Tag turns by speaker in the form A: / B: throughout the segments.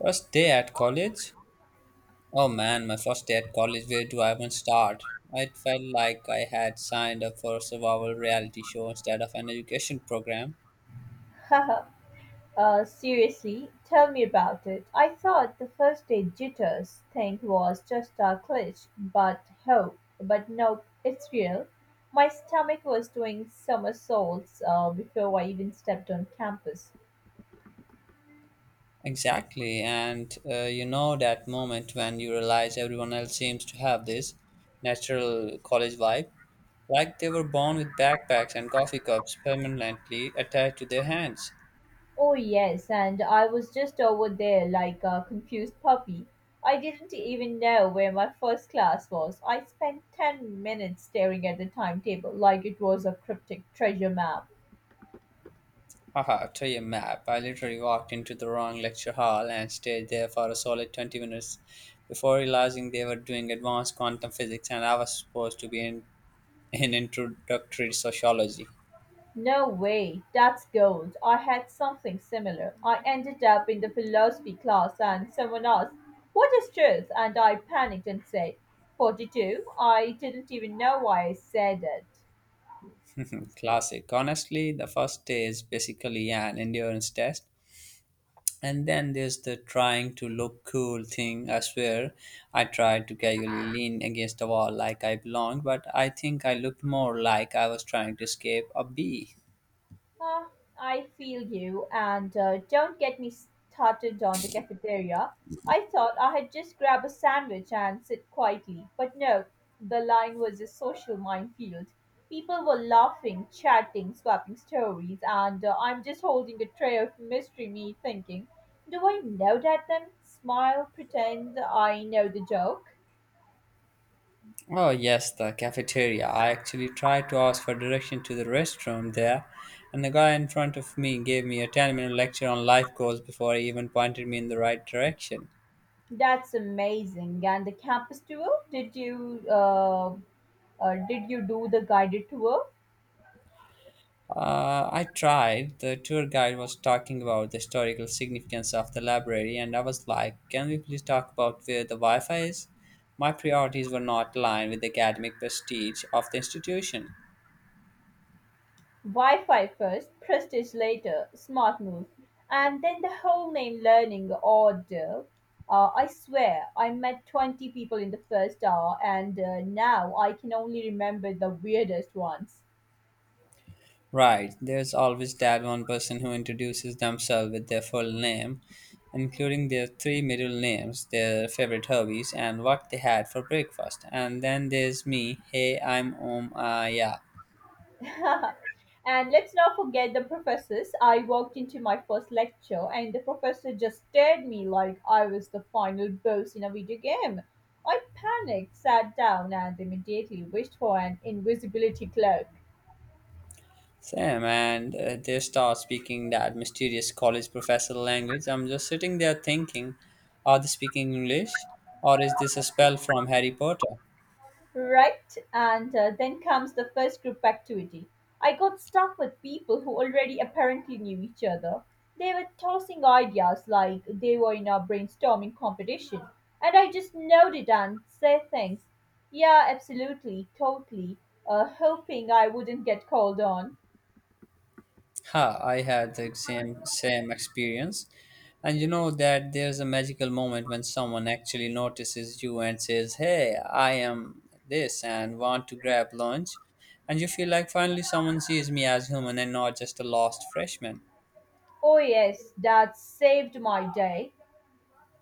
A: First day at college? Oh man, my first day at college, where do I even start? It felt like I had signed up for a survival reality show instead of an education program.
B: Haha, seriously, tell me about it. I thought the first aid jitters thing was just a glitch, but nope, it's real. My stomach was doing somersaults before I even stepped on campus.
A: Exactly, and you know that moment when you realize everyone else seems to have this natural college vibe, like they were born with backpacks and coffee cups permanently attached to their hands.
B: Oh, yes, and I was just over there like a confused puppy. I didn't even know where my first class was. I spent 10 minutes staring at the timetable like it was a cryptic treasure map.
A: Haha, to your map. I literally walked into the wrong lecture hall and stayed there for a solid 20 minutes before realizing they were doing advanced quantum physics and I was supposed to be in introductory sociology.
B: No way, that's gold. I had something similar. I ended up in the philosophy class and someone asked, what is truth? And I panicked and said, 42. I didn't even know why I said it.
A: Classic. Honestly, the first day is basically an endurance test. And then there's the trying to look cool thing. I swear, I tried to casually lean against the wall like I belonged, but I think I looked more like I was trying to escape a bee.
B: Ah, I feel you, and don't get me started on the cafeteria. I thought I had just grab a sandwich and sit quietly, but no, the line was a social minefield. People were laughing, chatting, swapping stories, and I'm just holding a tray of mystery meat thinking, do I know that them? Smile, pretend I know the joke.
A: Oh, yes, the cafeteria. I actually tried to ask for direction to the restroom there, and the guy in front of me gave me a 10-minute lecture on life goals before he even pointed me in the right direction.
B: That's amazing. And the campus tour? Did you do the guided tour?
A: I tried. The tour guide was talking about the historical significance of the library, and I was like, can we please talk about where the Wi Fi is? My priorities were not aligned with the academic prestige of the institution.
B: Wi-Fi first, prestige later, smart move. And then the whole name learning ordeal. I swear, I met 20 people in the first hour, and now I can only remember the weirdest ones.
A: Right, there's always that one person who introduces themselves with their full name, including their three middle names, their favorite hobbies, and what they had for breakfast. And then there's me, hey, I'm Om Aya.
B: And let's not forget the professors. I walked into my first lecture, and the professor just stared me like I was the final boss in a video game. I panicked, sat down, and immediately wished for an invisibility cloak.
A: Sam, and they start speaking that mysterious college professor language. I'm just sitting there thinking, are they speaking English? Or is this a spell from Harry Potter?
B: Right, and then comes the first group activity. I got stuck with people who already apparently knew each other. They were tossing ideas like they were in a brainstorming competition, and I just nodded and said things. Yeah, absolutely, totally, hoping I wouldn't get called on.
A: Ha, I had the same experience. And you know that there's a magical moment when someone actually notices you and says, "Hey, I am this and want to grab lunch." And you feel like finally someone sees me as human and not just a lost freshman.
B: Oh, yes, that saved my day.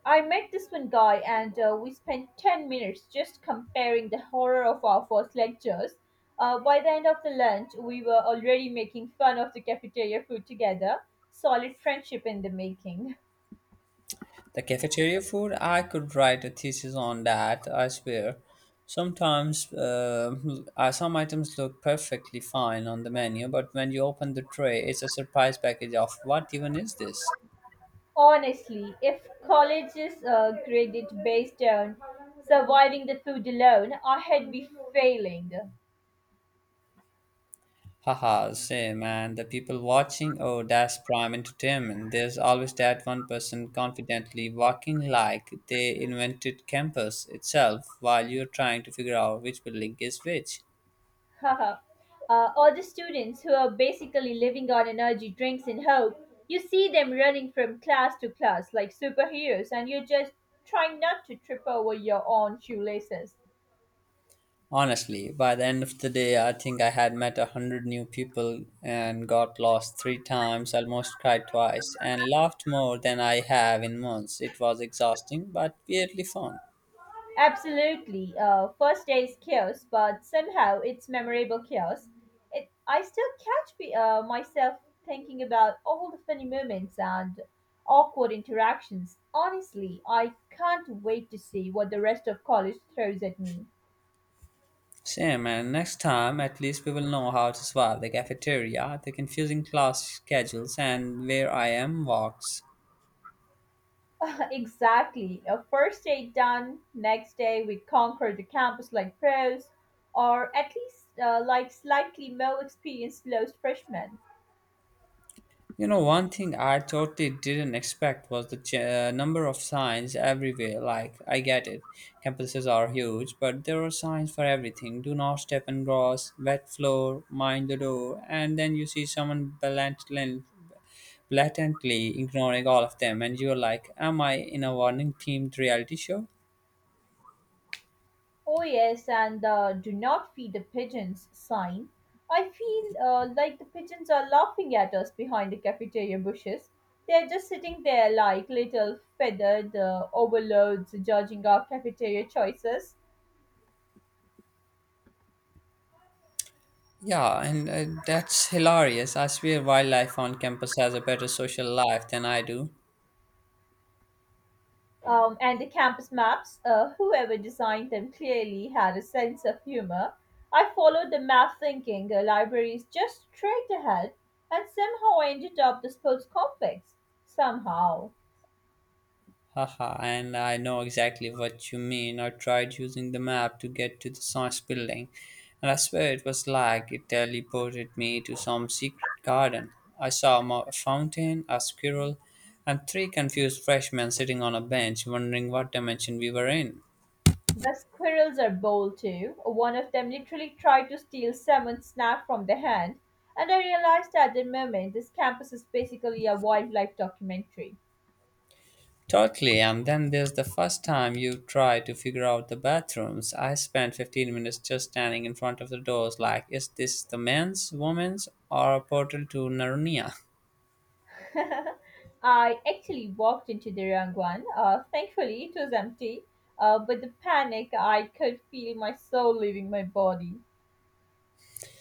B: I met this one guy, and we spent 10 minutes just comparing the horror of our first lectures. By the end of the lunch, we were already making fun of the cafeteria food together. Solid friendship in the making.
A: The cafeteria food, I could write a thesis on that, I swear. Sometimes some items look perfectly fine on the menu, but when you open the tray, it's a surprise package of what even is this?
B: Honestly, if college is graded based on surviving the food alone, I had be failing.
A: Haha, same. And the people watching, oh, that's prime entertainment. There's always that one person confidently walking like they invented campus itself while you're trying to figure out which building is which.
B: Haha. All the students who are basically living on energy drinks in hope. You see them running from class to class like superheroes, and you're just trying not to trip over your own shoelaces.
A: Honestly, by the end of the day, I think I had met a hundred new people and got lost three times, almost cried twice, and laughed more than I have in months. It was exhausting, but weirdly fun.
B: Absolutely. First day is chaos, but somehow it's memorable chaos. I still catch myself thinking about all the funny moments and awkward interactions. Honestly, I can't wait to see what the rest of college throws at me.
A: Same, and next time at least we will know how to survive the cafeteria, the confusing class schedules, and where I am walks.
B: Exactly. A first day done, next day we conquer the campus like pros, or at least like slightly more experienced lost freshmen.
A: You know, one thing I totally didn't expect was the number of signs everywhere. Like, I get it, campuses are huge, but there are signs for everything. Do not step and cross, wet floor, mind the door, and then you see someone blatantly ignoring all of them, and you're like, am I in a warning themed reality show?
B: Oh, yes, and do not feed the pigeons sign. I feel like the pigeons are laughing at us behind the cafeteria bushes. They're just sitting there like little feathered overlords judging our cafeteria choices.
A: Yeah, and that's hilarious. I swear wildlife on campus has a better social life than I do.
B: And the campus maps, whoever designed them clearly had a sense of humor. I followed the map thinking the library is just straight ahead and somehow I ended up the sports complex. Somehow.
A: Haha, and I know exactly what you mean. I tried using the map to get to the science building, and I swear it was like it teleported me to some secret garden. I saw a fountain, a squirrel, and three confused freshmen sitting on a bench wondering what dimension we were in.
B: The squirrels are bold too. One of them literally tried to steal someone's snack from the hand, and I realized at the moment this campus is basically a wildlife documentary.
A: Totally, and then there's the first time you try to figure out the bathrooms. I spent 15 minutes just standing in front of the doors, like, is this the men's, women's, or a portal to Narnia?
B: I actually walked into the wrong one. Thankfully, it was empty. But the panic, I could feel my soul leaving my body.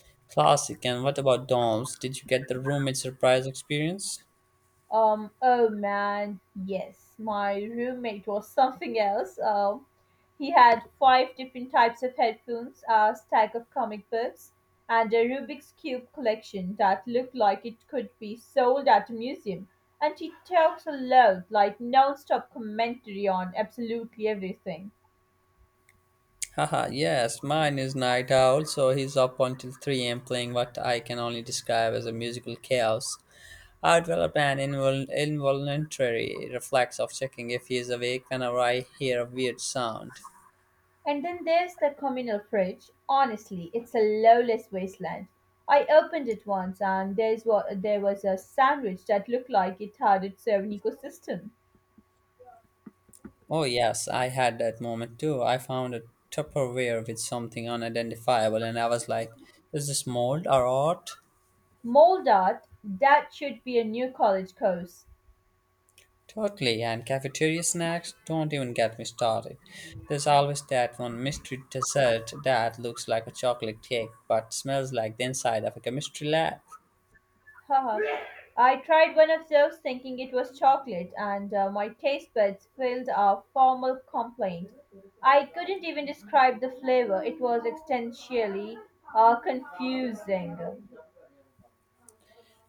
A: Classic. And what about dorms? Did you get the roommate surprise experience?
B: Oh man, yes, my roommate was something else. He had five different types of headphones, a stack of comic books, and a Rubik's Cube collection that looked like it could be sold at a museum. And he talked aloud, like non stop commentary on absolutely everything.
A: Haha, yes, mine is Night Owl, so he's up until 3 a.m. playing what I can only describe as a musical chaos. I develop an involuntary reflex of checking if he is awake whenever I hear a weird sound.
B: And then there's the communal fridge. Honestly, it's a lawless wasteland. I opened it once and there's what there was a sandwich that looked like it had its own ecosystem.
A: Oh, yes, I had that moment too. I found a Tupperware with something unidentifiable, and I was like, is this mold or art?
B: Mold art, that should be a new college course.
A: Totally, and cafeteria snacks? Don't even get me started. There's always that one mystery dessert that looks like a chocolate cake but smells like the inside of a chemistry lab.
B: Haha. I tried one of those thinking it was chocolate and my taste buds filed a formal complaint. I couldn't even describe the flavor. It was existentially confusing.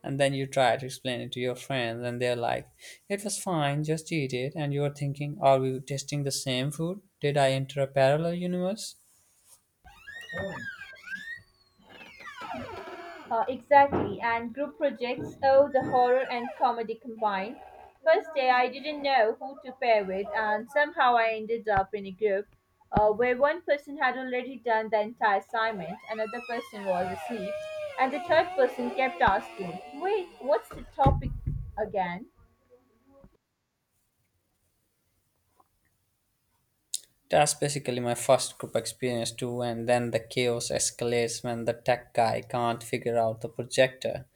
A: And then you try to explain it to your friends, and they're like, it was fine, just eat it. And you're thinking, are we tasting the same food? Did I enter a parallel universe?
B: Exactly, and group projects, oh, the horror and comedy combined. First day, I didn't know who to pair with, and somehow I ended up in a group where one person had already done the entire assignment, another person was asleep, and the third person kept asking, wait, what's the topic again?
A: That's basically my first group experience too, and then the chaos escalates when the tech guy can't figure out the projector.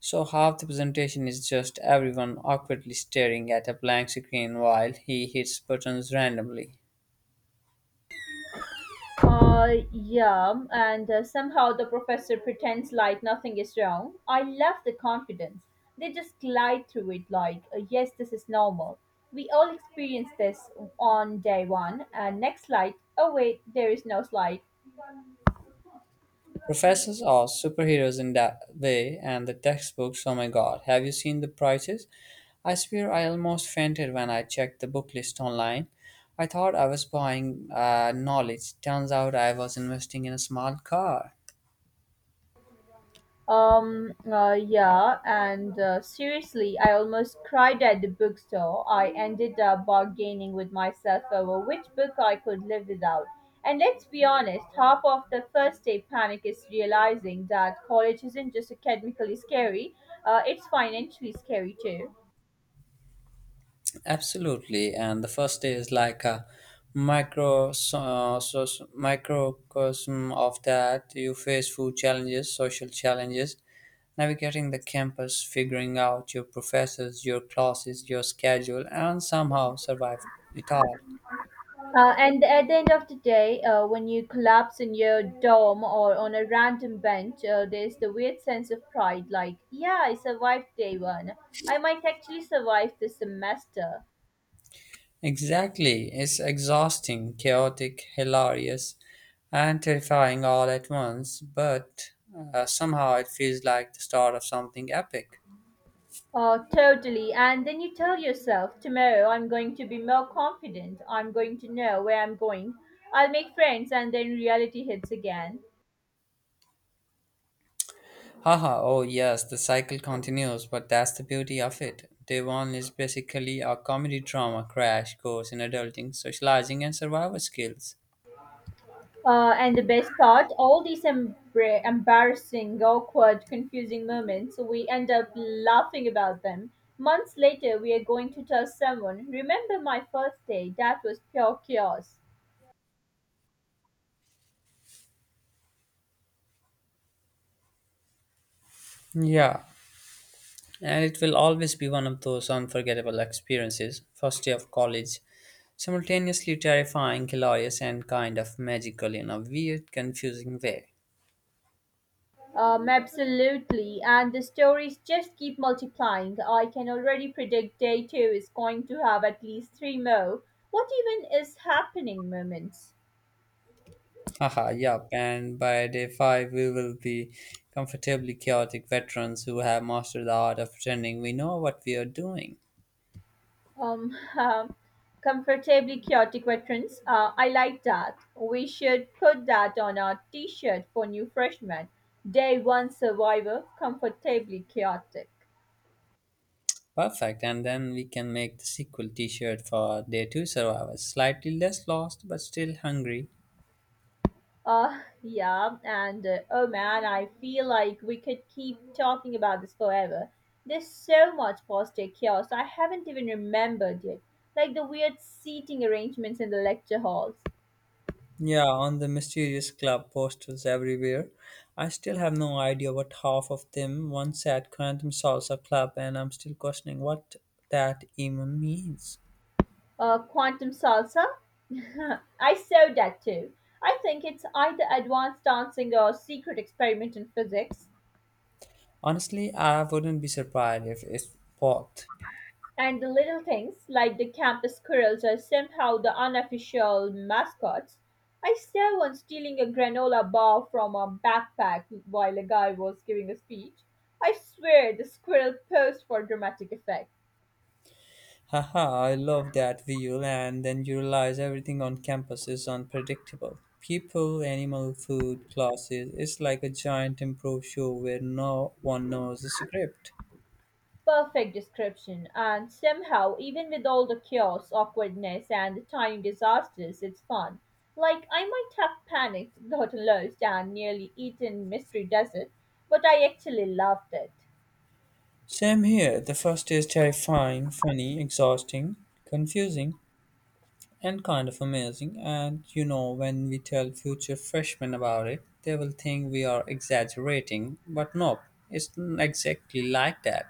A: So half the presentation is just everyone awkwardly staring at a blank screen while he hits buttons randomly.
B: Yeah, and somehow the professor pretends like nothing is wrong. I love the confidence. They just glide through it like, yes, this is normal. We all experience this on day one, and next slide, oh wait, there is no slide.
A: Professors are superheroes in that way, and the textbooks, oh my god, have you seen the prices? I swear I almost fainted when I checked the book list online. I thought I was buying knowledge. Turns out I was investing in a small car.
B: Yeah, and seriously, I almost cried at the bookstore. I ended up bargaining with myself over which book I could live without. And let's be honest, half of the first day panic is realizing that college isn't just academically scary, it's financially scary too.
A: Absolutely, and the first day is like a microcosm of that. You face food challenges, social challenges, navigating the campus, figuring out your professors, your classes, your schedule, and somehow survive it all.
B: And at the end of the day, when you collapse in your dorm or on a random bench, there's the weird sense of pride like, yeah, I survived day one. I might actually survive this semester.
A: Exactly, it's exhausting, chaotic, hilarious, and terrifying all at once, but somehow it feels like the start of something epic.
B: Oh, totally. And then you tell yourself, tomorrow I'm going to be more confident. I'm going to know where I'm going. I'll make friends, and then reality hits again.
A: Haha, oh yes, the cycle continues, but that's the beauty of it. Day one is basically a comedy drama crash course in adulting, socializing, and survival skills.
B: And the best part, all these embarrassing, awkward, confusing moments, we end up laughing about them. Months later, we are going to tell someone, remember my first day? That was pure chaos.
A: Yeah, and it will always be one of those unforgettable experiences. First day of college, simultaneously terrifying, hilarious, and kind of magical in a weird, confusing way.
B: Absolutely. And the stories just keep multiplying. I can already predict day two is going to have at least three more. What even is happening moments?
A: Haha, yup, and by day five, we will be comfortably chaotic veterans who have mastered the art of pretending we know what we are doing.
B: Um, um, Comfortably chaotic veterans. I like that. We should put that on our T-shirt for new freshmen. Day one survivor, comfortably chaotic.
A: Perfect, and then we can make the sequel t shirt for Day 2 survivors, slightly less lost but still hungry.
B: Yeah, and oh man, I feel like we could keep talking about this forever. There's so much post-day chaos I haven't even remembered yet, like the weird seating arrangements in the lecture halls.
A: Yeah, on the mysterious club posters everywhere. I still have no idea what half of them one said Quantum Salsa Club, and I'm still questioning what that even means.
B: Quantum salsa. I saw that too. I think it's either advanced dancing or secret experiment in physics.
A: Honestly, I wouldn't be surprised if it's both.
B: And the little things like the campus squirrels are somehow the unofficial mascots. I saw one stealing a granola bar from a backpack while a guy was giving a speech. I swear the squirrel posed for dramatic effect.
A: Haha, I love that wheel, and then you realize everything on campus is unpredictable. People, animal, food, classes. It's like a giant improv show where no one knows the script.
B: Perfect description, and somehow, even with all the chaos, awkwardness, and the tiny disasters, it's fun. Like, I might have panicked, gotten lost, and nearly eaten Mystery Desert, but I actually loved it.
A: Same here. The first day is terrifying, funny, exhausting, confusing, and kind of amazing. And you know, when we tell future freshmen about it, they will think we are exaggerating. But nope, it's not exactly like that.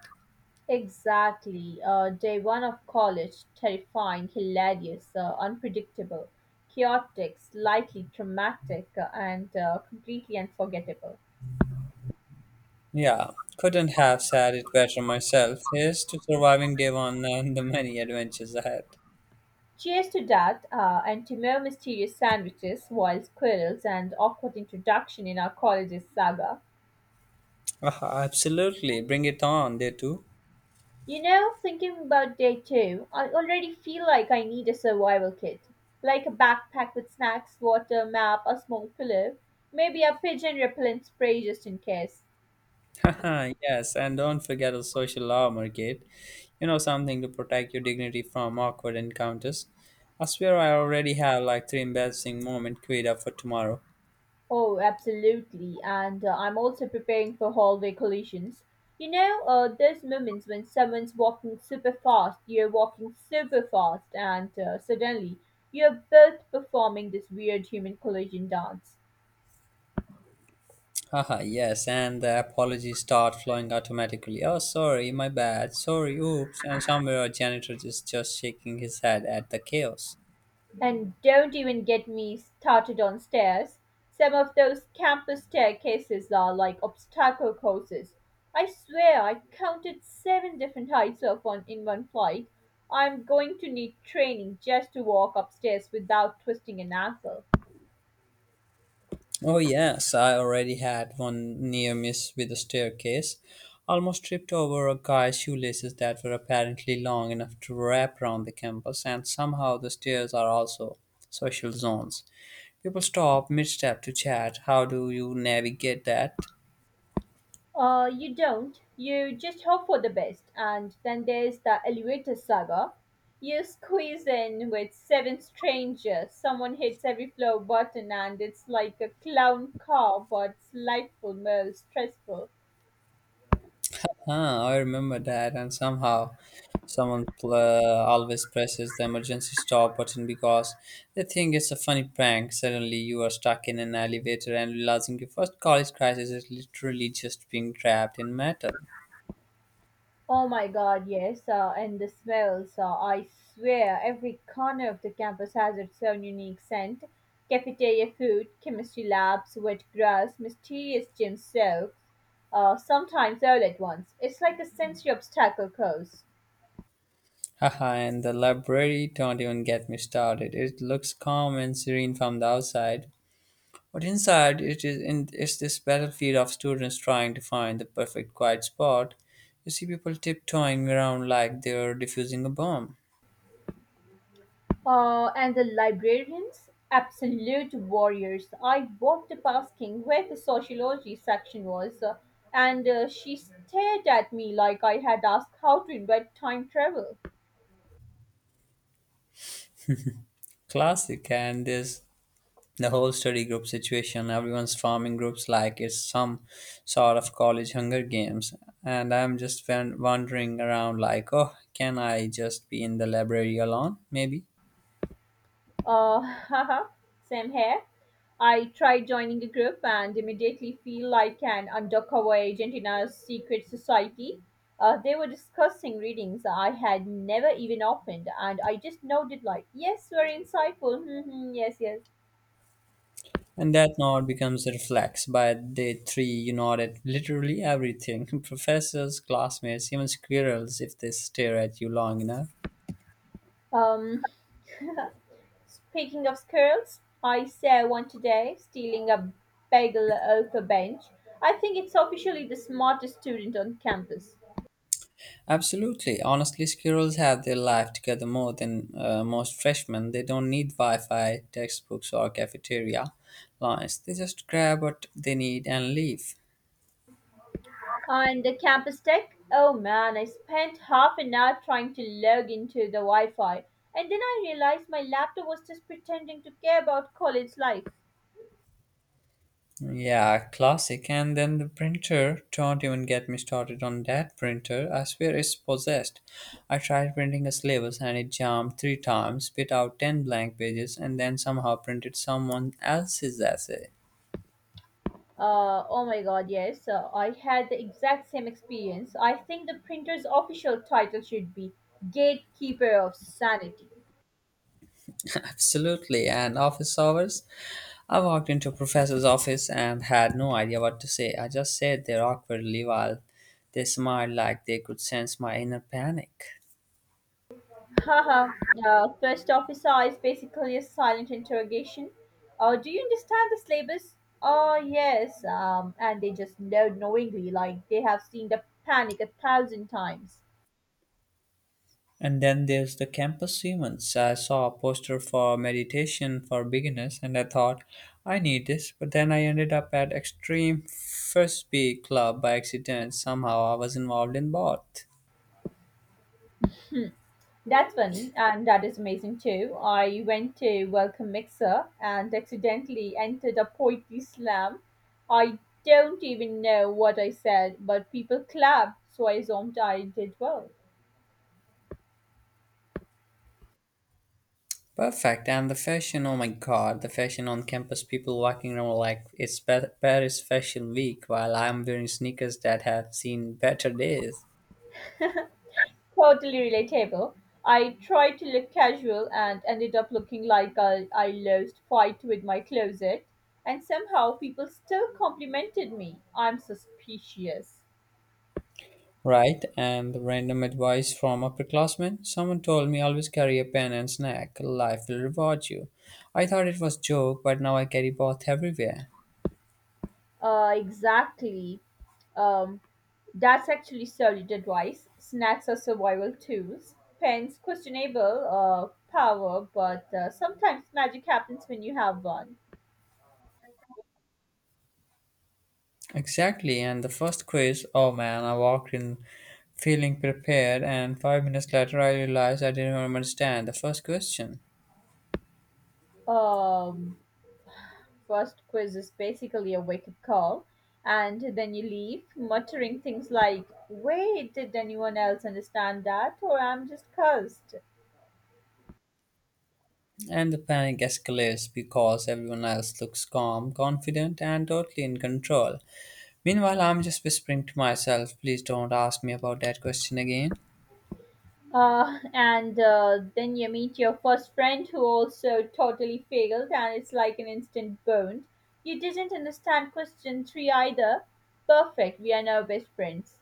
B: Exactly. Day one of college, terrifying, hilarious, unpredictable, chaotic, slightly traumatic, and completely unforgettable.
A: Yeah, couldn't have said it better myself. Here's to surviving day one and the many adventures ahead.
B: Cheers to that, and to more mysterious sandwiches, wild squirrels, and awkward introduction in our college's saga.
A: Ah, absolutely, bring it on, day two.
B: You know, thinking about day two, I already feel like I need a survival kit. Like a backpack with snacks, water, map, a small pillow, maybe a pigeon repellent spray just in case.
A: Haha, yes, and don't forget a social armor kit. You know, something to protect your dignity from awkward encounters. I swear I already have like three embarrassing moments queued up for tomorrow.
B: Oh, absolutely. And I'm also preparing for hallway collisions. You know, those moments when someone's walking super fast, you're walking super fast, and suddenly you're both performing this weird human collision dance.
A: Haha, yes, and the apologies start flowing automatically. Oh, sorry, my bad, sorry, oops, and somewhere a janitor is just shaking his head at the chaos.
B: And don't even get me started on stairs. Some of those campus staircases are like obstacle courses. I swear I counted seven different heights of one in one flight. I'm going to need training just to walk upstairs without twisting an ankle.
A: Oh, yes, I already had one near miss with a staircase. Almost tripped over a guy's shoelaces that were apparently long enough to wrap around the campus, and somehow the stairs are also social zones. People stop mid step to chat. How do you navigate that?
B: You don't. You just hope for the best. And then there's the elevator saga. You squeeze in with seven strangers. Someone hits every floor button, and it's like a clown car, but it's delightful, most stressful.
A: Ah, I remember that, and somehow someone always presses the emergency stop button because they think it's a funny prank. Suddenly, you are stuck in an elevator and realizing your first college crisis is literally just being trapped in metal.
B: Oh my God, yes, and the smells. I swear every corner of the campus has its own unique scent. Cafeteria food, chemistry labs, wet grass, mysterious gym soaks, sometimes all at once. It's like a sensory obstacle course.
A: Haha, and the library, don't even get me started. It looks calm and serene from the outside. But inside, it's this battlefield of students trying to find the perfect quiet spot. You see people tiptoeing around like they're defusing a bomb.
B: And the librarians? Absolute warriors. I walked past King where the sociology section was, and she stared at me like I had asked how to invent time travel.
A: Classic, and there's the whole study group situation. Everyone's forming groups like it's some sort of college Hunger Games, and I'm just wandering around like, oh, can I just be in the library alone? Maybe.
B: Uh, Haha, same here. I tried joining a group and immediately feel like an undercover agent in a secret society. They were discussing readings I had never even opened, and I just nodded like, "Yes, very insightful. Hmm yes, yes."
A: And that nod becomes a reflex. By day three, you nod at literally everything. Professors, classmates, even squirrels if they stare at you long enough.
B: Um, Speaking of squirrels, I saw one today stealing a bagel off a bench. I think it's officially the smartest student on campus.
A: Absolutely. Honestly, squirrels have their life together more than most freshmen. They don't need Wi Fi, textbooks, or cafeteria lines. They just grab what they need and leave.
B: And the campus tech? Oh man, I spent half an hour trying to log into the Wi Fi. And then I realized my laptop was just pretending to care about college life.
A: Yeah, classic. And then the printer. Don't even get me started on that printer. I swear it's possessed. I tried printing a syllabus and it jammed three times, spit out 10 blank pages, and then somehow printed someone else's essay.
B: Oh my god, yes, I had the exact same experience. I think the printer's official title should be Gatekeeper of Sanity.
A: Absolutely. And office hours? I walked into a professor's office and had no idea what to say. I just sat there awkwardly while they smiled like they could sense my inner panic.
B: Haha, the first officer is basically a silent interrogation. Do you understand the syllabus? Oh, yes. And they just nod knowingly, like they have seen the panic 1,000 times.
A: And then there's the campus humans. I saw a poster for meditation for beginners and I thought, I need this. But then I ended up at Extreme Frisbee Club by accident. Somehow I was involved in both.
B: That's funny, and that is amazing too. I went to Welcome Mixer and accidentally entered a poetry slam. I don't even know what I said, but people clapped, so I assumed I did well.
A: Perfect. And the fashion, oh my god, the fashion on campus, people walking around like it's Paris Fashion Week while I'm wearing sneakers that have seen better days.
B: Totally relatable. I tried to look casual and ended up looking like I lost fight with my closet, and somehow people still complimented me. I'm suspicious.
A: Right? And the random advice from upperclassmen. Someone told me always carry a pen and snack. Life will reward you. I thought it was joke, but now I carry both everywhere.
B: Exactly. Um, that's actually solid advice. Snacks are survival tools. Pens, questionable power, but sometimes magic happens when you have one.
A: Exactly. And the first quiz, oh man, I walked in feeling prepared and 5 minutes later I realized I didn't even understand the first question.
B: Um, First quiz is basically a wake up call, and then you leave muttering things like, wait, did anyone else understand that? Or I'm just cursed.
A: And the panic escalates because everyone else looks calm, confident, and totally in control. Meanwhile, I'm just whispering to myself, please don't ask me about that question again.
B: And then you meet your first friend who also totally failed, and it's like an instant bond. You didn't understand question three either. Perfect, we are now best friends.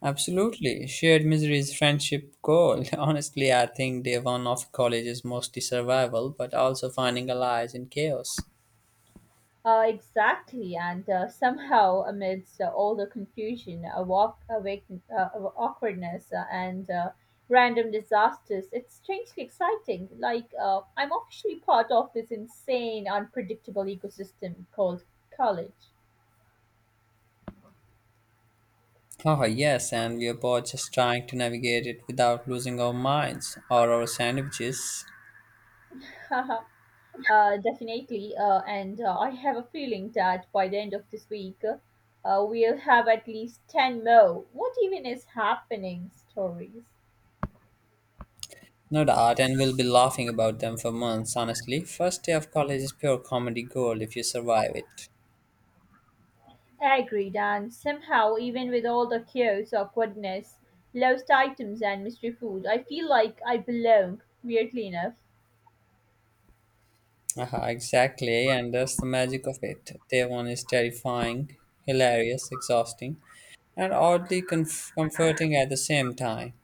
A: Absolutely. Shared misery is friendship gold. Honestly, I think day one of college is mostly survival, but also finding allies in chaos.
B: Exactly, and somehow, amidst all the confusion, uh, awkwardness, and random disasters, it's strangely exciting. Like I'm officially part of this insane, unpredictable ecosystem called college.
A: Oh, yes, and we are both just trying to navigate it without losing our minds or our sandwiches.
B: uh, Definitely, and I have a feeling that by the end of this week, we'll have at least 10 more. What even is happening? Stories.
A: No doubt, and we'll be laughing about them for months, honestly. First day of college is pure comedy gold if you survive it.
B: I agreed, and somehow, even with all the chaos, awkwardness, lost items, and mystery food, I feel like I belong, weirdly enough.
A: Aha, exactly, and that's the magic of it. Day one is terrifying, hilarious, exhausting, and oddly comforting at the same time.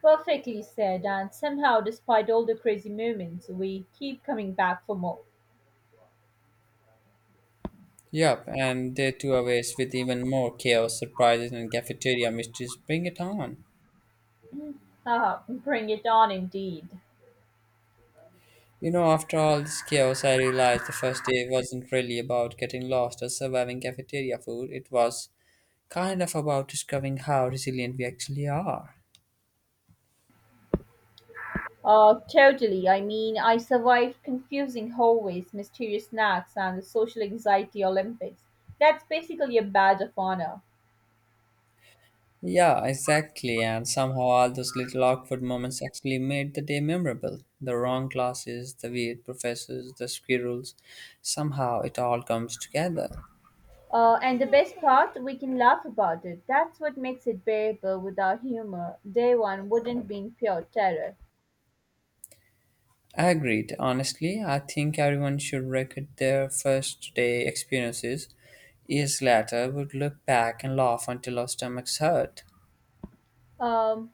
B: Perfectly said, and somehow, despite all the crazy moments, we keep coming back for more.
A: Yup, and day two awaits with even more chaos, surprises, and cafeteria mysteries. Bring it on.
B: Haha, bring it on indeed.
A: You know, after all this chaos, I realized the first day wasn't really about getting lost or surviving cafeteria food. It was kind of about discovering how resilient we actually are.
B: Totally. I mean, I survived confusing hallways, mysterious snacks, and the social anxiety Olympics. That's basically a badge of honor.
A: Yeah, exactly. And somehow all those little awkward moments actually made the day memorable. The wrong classes, the weird professors, the squirrels. Somehow it all comes together.
B: And the best part, we can laugh about it. That's what makes it bearable. Without humor, day one wouldn't been pure terror.
A: Agreed. Honestly, I think everyone should record their first day experiences. Years later, would look back and laugh until our stomachs hurt.
B: Um,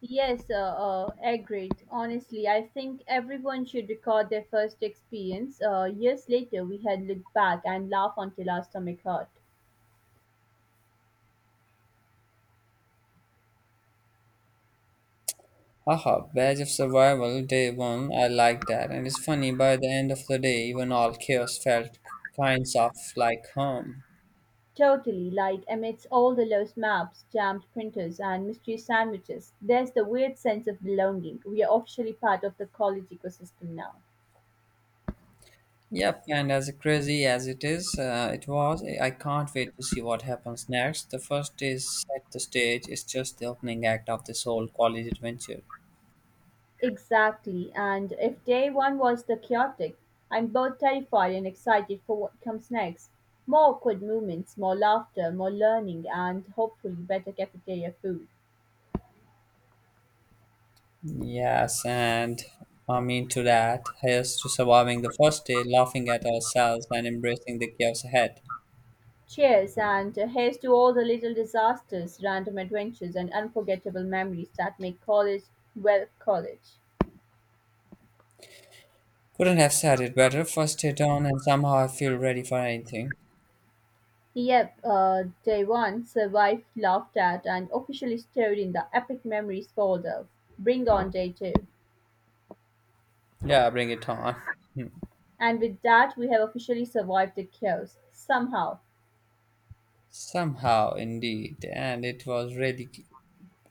B: yes, uh, Agreed. Honestly, I think everyone should record their first experience. Years later, we had looked back and laughed until our stomach hurt.
A: Haha, Badge of Survival, day one, I like that. And it's funny, by the end of the day, even all chaos felt kinds of like home.
B: Totally, like amidst all the lost maps, jammed printers, and mystery sandwiches, there's the weird sense of belonging. We are officially part of the college ecosystem now.
A: Yep, and as crazy as it is, I can't wait to see what happens next. The first is set the stage, it's just the opening act of this whole college adventure.
B: Exactly, and if day one was the chaotic, I'm both terrified and excited for what comes next. More awkward moments, more laughter, more learning, and hopefully better cafeteria food.
A: Yes, and I mean to that, here's to surviving the first day, laughing at ourselves and embracing the chaos ahead.
B: Cheers, and here's to all the little disasters, random adventures, and unforgettable memories that make college, well, college.
A: Couldn't have said it better. First day done, and somehow I feel ready for anything.
B: Yep, day one, survived, laughed at, and officially stored in the epic memories folder. Bring on day two.
A: Yeah, bring it on.
B: And with that we have officially survived the chaos somehow.
A: Somehow, indeed, and it was really,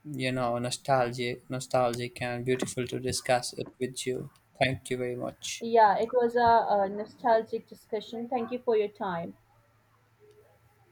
A: you know, nostalgic, nostalgic and beautiful to discuss it with you. Thank you very much.
B: Yeah it was a nostalgic discussion, thank you for your time.